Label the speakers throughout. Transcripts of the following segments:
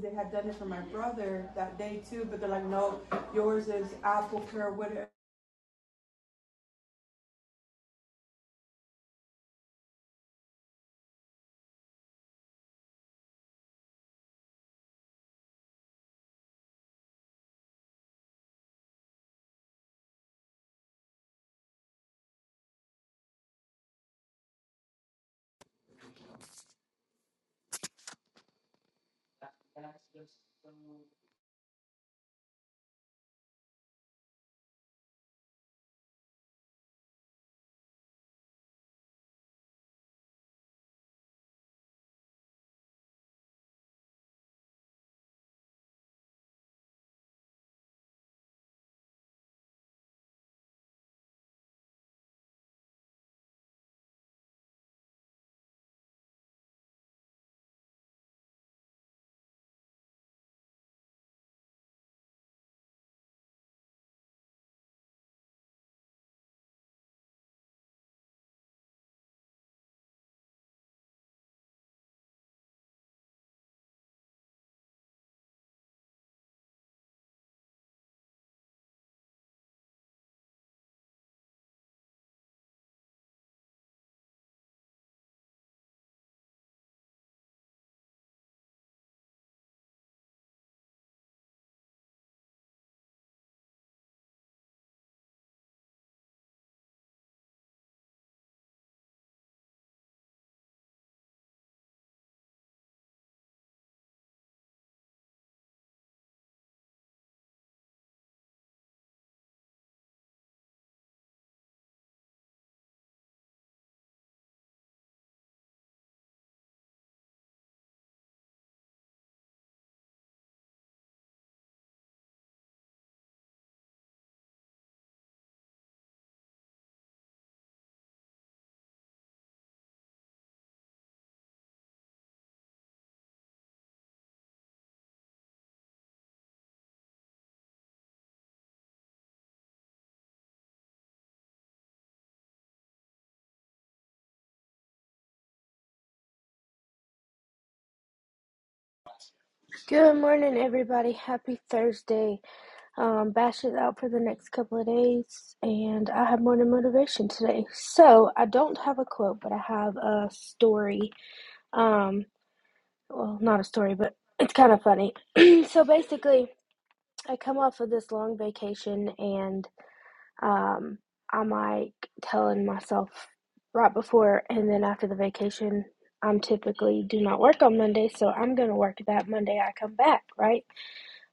Speaker 1: They had done it for my brother that day too, but they're like, no, yours is apple care, whatever. Good morning, everybody. Happy Thursday. Um, Bash is out for the next couple of days, and I have morning motivation today. So I don't have a quote, but I have a story. Um, well, not a story, but it's kind of funny. so basically, I come off of this long vacation, and Um, I'm like telling myself right before and then after the vacation, I'm typically do not work on Monday, so I'm gonna work that Monday I come back, right?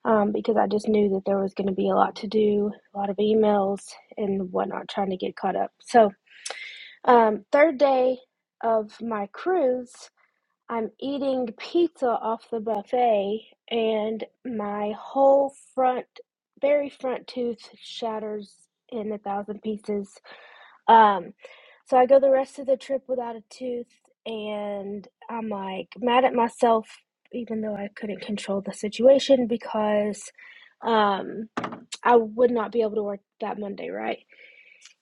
Speaker 1: Um, because I just knew that there was gonna be a lot to do, a lot of emails and whatnot, trying to get caught up. So, um, third day of my cruise, I'm eating pizza off the buffet, and my whole front, very front tooth shatters in a thousand pieces um, so I go the rest of the trip without a tooth, and I'm like mad at myself, even though I couldn't control the situation because um, I would not be able to work that Monday, right?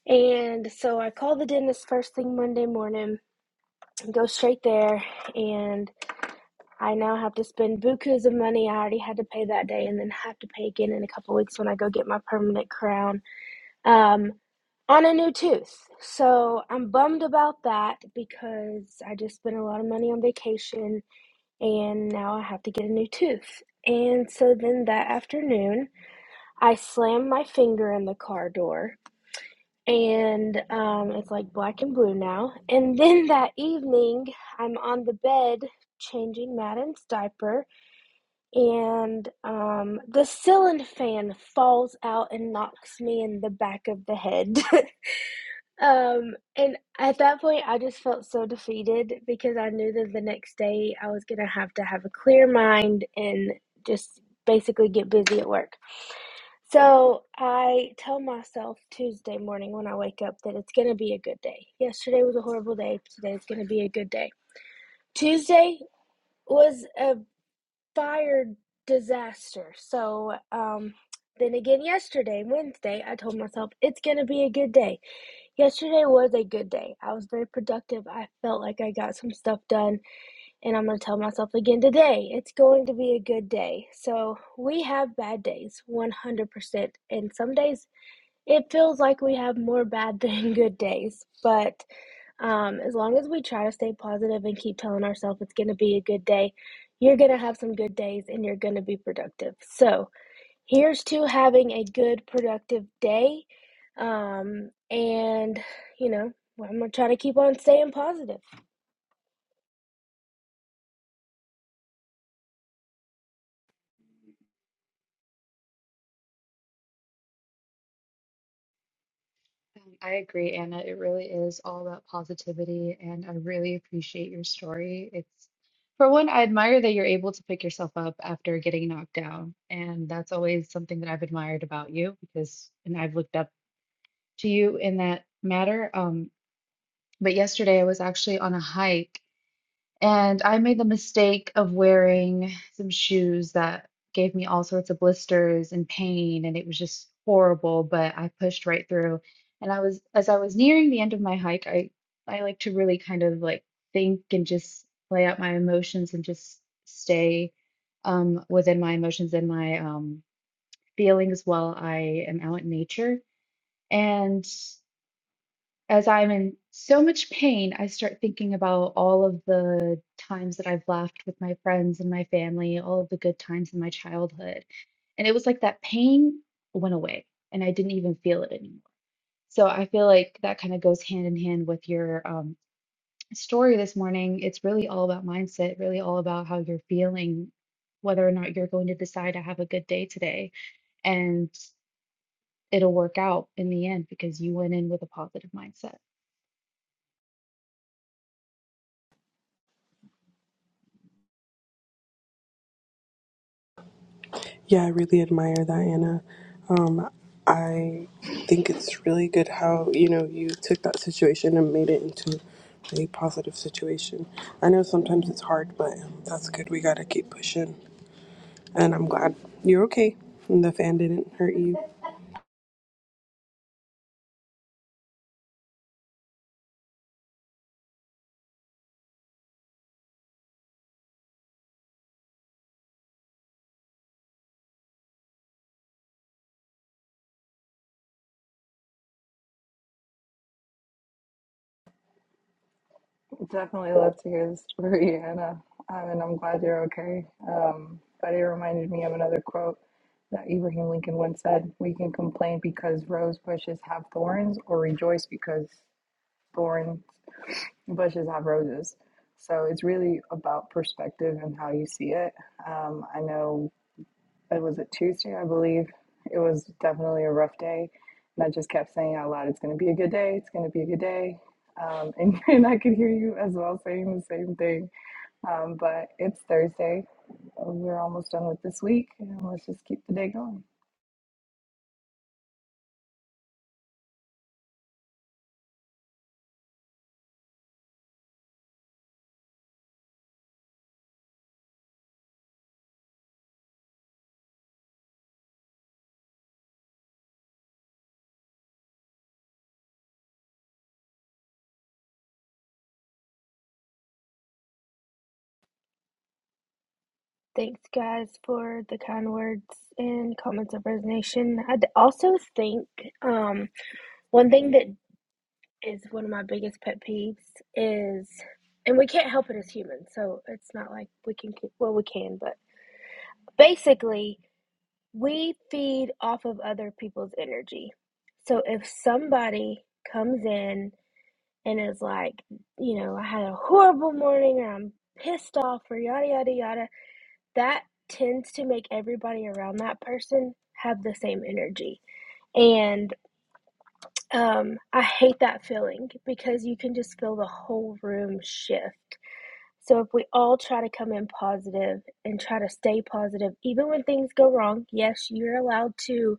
Speaker 1: And so I call the dentist first thing Monday morning, go straight there, and I now have to spend bukus of money I already had to pay that day, and then have to pay again in a couple weeks when I go get my permanent crown um, on a new tooth. So I'm bummed about that because I just spent a lot of money on vacation and now I have to get a new tooth. And so then that afternoon, I slammed my finger in the car door and um, it's like black and blue now. And then that evening, I'm on the bed changing Madden's diaper and um, the ceiling fan falls out and knocks me in the back of the head. Um, and at that point, I just felt so defeated because I knew that the next day I was gonna have to have a clear mind and just basically get busy at work. So I tell myself Tuesday morning when I wake up that it's gonna be a good day. Yesterday was a horrible day. Today's gonna be a good day. Tuesday was a fire disaster. So, um, then again, yesterday, Wednesday, I told myself it's going to be a good day. Yesterday was a good day. I was very productive. I felt like I got some stuff done, and I'm going to tell myself again today it's going to be a good day. So, we have bad days 100%, and some days it feels like we have more bad than good days, but um, as long as we try to stay positive and keep telling ourselves it's going to be a good day, you're going to have some good days and you're going to be productive. So, here's to having a good, productive day. Um, and, you know, I'm going to try to keep on staying positive.
Speaker 2: Um, I agree, Anna. It really is all about positivity, and I really appreciate your story. It's, for one, I admire that you're able to pick yourself up after getting knocked down. And that's always something that I've admired about you because, and I've looked up to you in that matter. Um, but yesterday I was actually on a hike and I made the mistake of wearing some shoes that gave me all sorts of blisters and pain, and it was just horrible, but I pushed right through. And I was, as I was nearing the end of my hike, I, I like to really kind of like think and just lay out my emotions and just stay um, within my emotions and my um, feelings while I am out in nature. And as I'm in so much pain, I start thinking about all of the times that I've laughed with my friends and my family, all of the good times in my childhood. And it was like that pain went away and I didn't even feel it anymore. So I feel like that kind of goes hand in hand with your um, story this morning. It's really all about mindset, really all about how you're feeling, whether or not you're going to decide to have a good day today. And it'll work out in the end because you went in with a positive mindset.
Speaker 3: Yeah, I really admire that, Anna. Um, I think it's really good how, you know, you took that situation and made it into a really positive situation. I know sometimes it's hard, but that's good. We gotta keep pushing. And I'm glad you're okay and the fan didn't hurt you.
Speaker 4: Definitely love to hear the story, Anna. Um, and I'm glad you're okay. Um, but it reminded me of another quote that Abraham Lincoln once said We can complain because rose bushes have thorns, or rejoice because thorn bushes have roses. So it's really about perspective and how you see it. Um, I know it was a Tuesday, I believe. It was definitely a rough day. And I just kept saying out loud, it's going to be a good day. It's going to be a good day. Um, and, and I could hear you as well saying the same thing. Um, but it's Thursday. We're almost done with this week. And let's just keep the day going.
Speaker 1: Thanks, guys, for the kind words and comments of resignation. I also think um, one thing that is one of my biggest pet peeves is and we can't help it as humans so it's not like we can well we can but basically we feed off of other people's energy so if somebody comes in and is like you know i had a horrible morning or i'm pissed off or yada yada yada that tends to make everybody around that person have the same energy and. Um, I hate that feeling because you can just feel the whole room shift. So if we all try to come in positive and try to stay positive, even when things go wrong, yes, you're allowed to,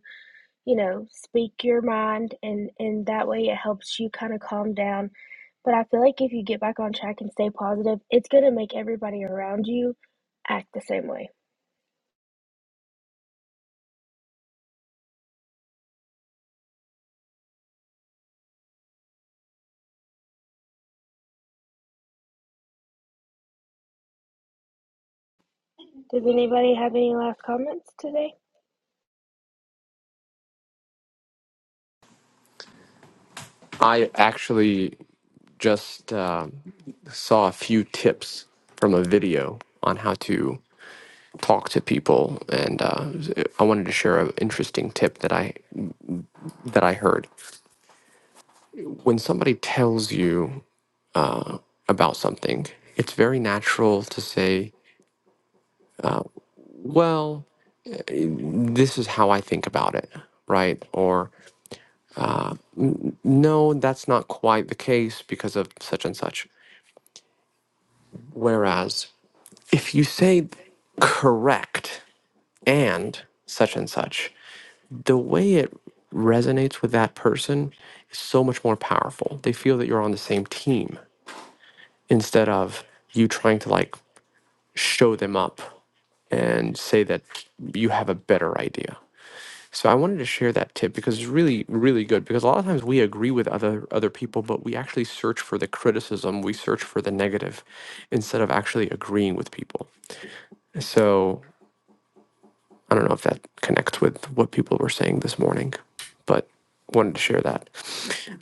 Speaker 1: you know, speak your mind and and that way it helps you kind of calm down. But I feel like if you get back on track and stay positive, it's going to make everybody around you act the same way. Does anybody have any last comments today?
Speaker 5: I actually just um saw a few tips from a video on how to talk to people, and uh, I wanted to share an interesting tip that I that I heard. When somebody tells you about something, it's very natural to say, "Well, this is how I think about it," right? Or, "No, that's not quite the case because of such and such." Whereas, if you say correct and such and such the way it resonates with that person is so much more powerful. They feel that you're on the same team instead of you trying to like show them up and say that you have a better idea. So I wanted to share that tip because it's really really good because a lot of times we agree with other other people but we actually search for the criticism, we search for the negative instead of actually agreeing with people. So I don't know if that connects with what people were saying this morning, but wanted to share that.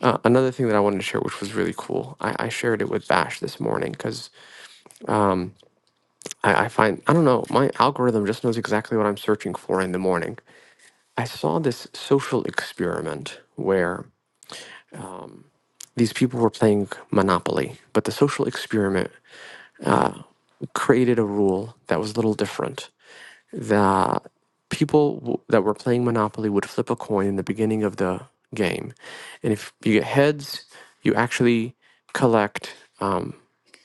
Speaker 5: Uh, another thing that I wanted to share, which was really cool, I, I shared it with Bash this morning because I, I find, I don't know, my algorithm just knows exactly what I'm searching for in the morning. I saw this social experiment where these people were playing Monopoly, but the social experiment created a rule that was a little different. that people w- that were playing Monopoly would flip a coin in the beginning of the game. And if you get heads, you actually collect um,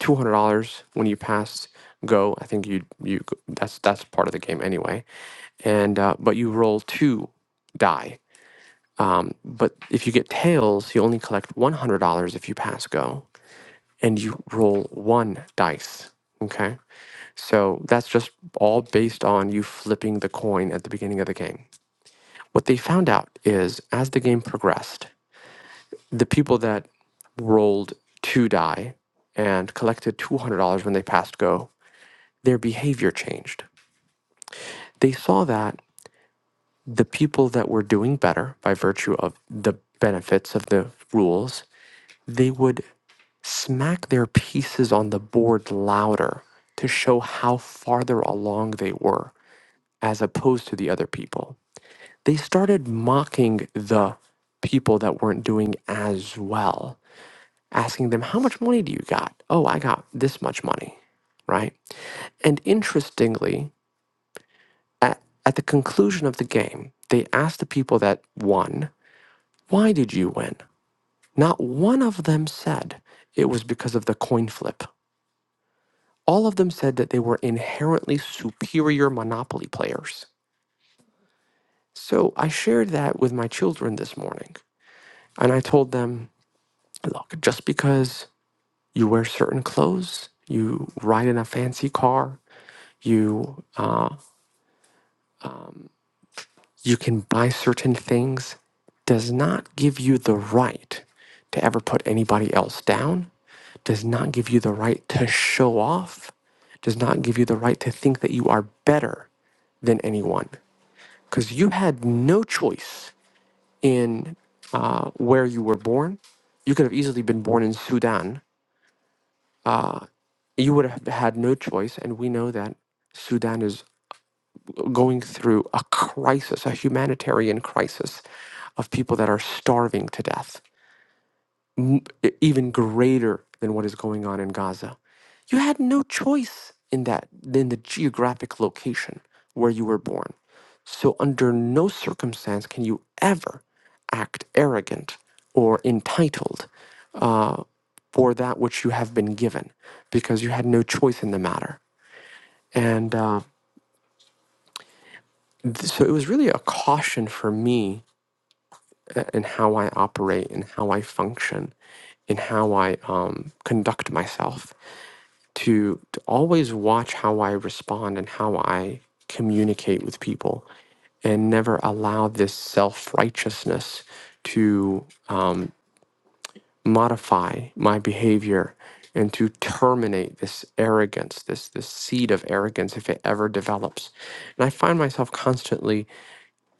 Speaker 5: $200 when you pass go. I think you you that's that's part of the game anyway. And uh, but you roll two die. Um, but if you get tails, you only collect $100 if you pass go and you roll one dice. Okay? So that's just all based on you flipping the coin at the beginning of the game. What they found out is as the game progressed, the people that rolled two die and collected $200 when they passed go, their behavior changed. They saw that the people that were doing better by virtue of the benefits of the rules, they would smack their pieces on the board louder to show how farther along they were as opposed to the other people they started mocking the people that weren't doing as well, asking them, How much money do you got? Oh, I got this much money, right? And interestingly, at, at the conclusion of the game, they asked the people that won, Why did you win? Not one of them said it was because of the coin flip. All of them said that they were inherently superior Monopoly players. So I shared that with my children this morning. And I told them, look, just because you wear certain clothes, you ride in a fancy car, you uh, you can buy certain things, does not give you the right to ever put anybody else down. Does not give you the right to show off. Does not give you the right to think that you are better than anyone because you had no choice in uh, where you were born. You could have easily been born in Sudan. You would have had no choice, and we know that Sudan is going through a crisis, a humanitarian crisis of people that are starving to death, e- even greater than what is going on in Gaza. You had no choice in that, in the geographic location where you were born. So, under no circumstance can you ever act arrogant or entitled uh, for that which you have been given because you had no choice in the matter. And uh, th- so it was really a caution for me uh, in how I operate, in how I function, in how I um, conduct myself, to, to always watch how I respond and how I communicate with people, and never allow this self righteousness to um, modify my behavior and to terminate this arrogance, this this seed of arrogance, if it ever develops. And I find myself constantly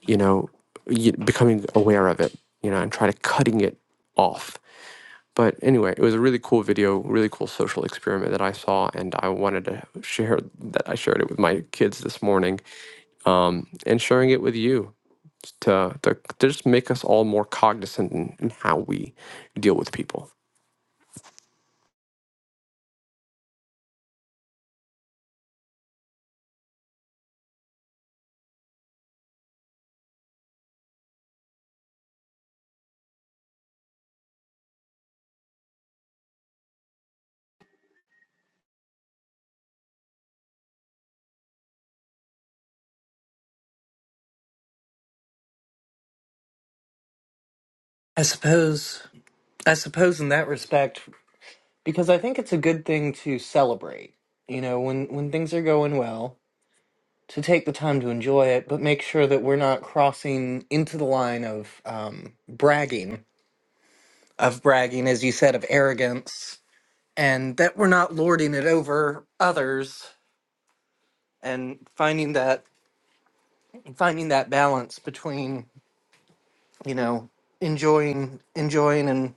Speaker 5: you know, y- becoming aware of it, you know, and try to cutting it off. But anyway, it was a really cool video, really cool social experiment that I saw, and I wanted to share that I shared it with my kids this morning, um, and sharing it with you to, to to just make us all more cognizant in, in how we deal with people.
Speaker 6: I suppose I suppose in that respect, because I think it's a good thing to celebrate, you know, when when things are going well, to take the time to enjoy it, but make sure that we're not crossing into the line of um, bragging, of bragging, as you said, of arrogance, and that we're not lording it over others, and finding that finding that balance between, you know, enjoying enjoying and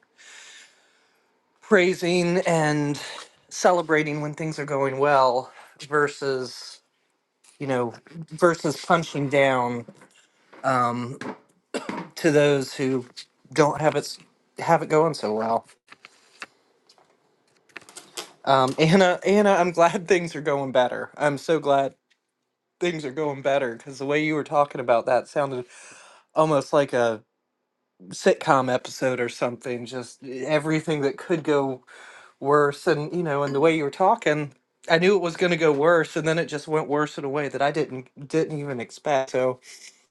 Speaker 6: praising and celebrating when things are going well versus you know versus punching down um, to those who don't have it s- have it going so well um, anna anna i'm glad things are going better i'm so glad things are going better because the way you were talking about that sounded almost like a sitcom episode or something just eh, everything that could go worse and you know and the way you were talking i knew it was going to go worse and then it just went worse in a way that i didn't didn't even expect so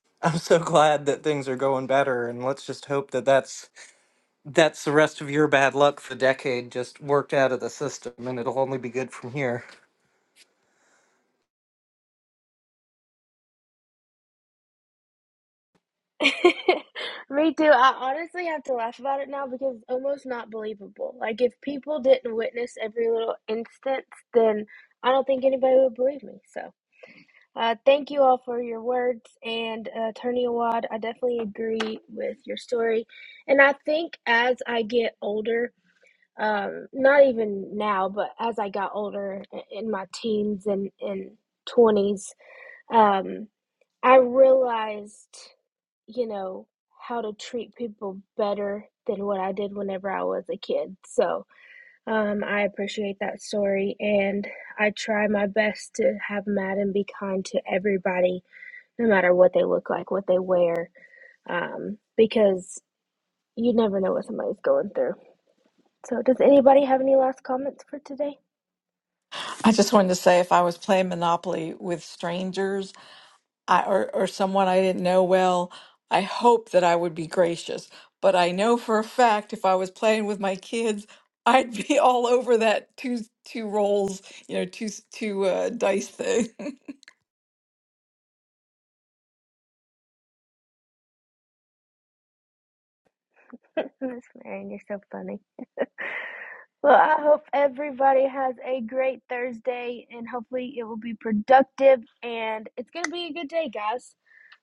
Speaker 6: i'm so glad that things are going better and let's just hope that that's that's the rest of your bad luck for the decade just worked out of the system and it'll only be good from here
Speaker 1: Me too. I honestly have to laugh about it now because it's almost not believable. Like, if people didn't witness every little instance, then I don't think anybody would believe me. So, uh, thank you all for your words. And, uh, Attorney Awad, I definitely agree with your story. And I think as I get older, um, not even now, but as I got older i- in my teens and, and 20s, um, I realized, you know, how to treat people better than what I did whenever I was a kid. So um, I appreciate that story, and I try my best to have Madden be kind to everybody, no matter what they look like, what they wear, um, because you never know what somebody's going through. So, does anybody have any last comments for today?
Speaker 7: I just wanted to say if I was playing Monopoly with strangers I, or, or someone I didn't know well, I hope that I would be gracious. But I know for a fact if I was playing with my kids, I'd be all over that two two rolls, you know, two s- two uh, dice thing.
Speaker 1: Miss Marion, you're so funny. Well, I hope everybody has a great Thursday and hopefully it will be productive and it's going to be a good day, guys.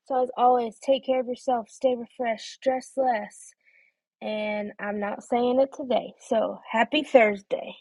Speaker 1: So, as always, take care of yourself, stay refreshed, stress less. And I'm not saying it today. So, happy Thursday.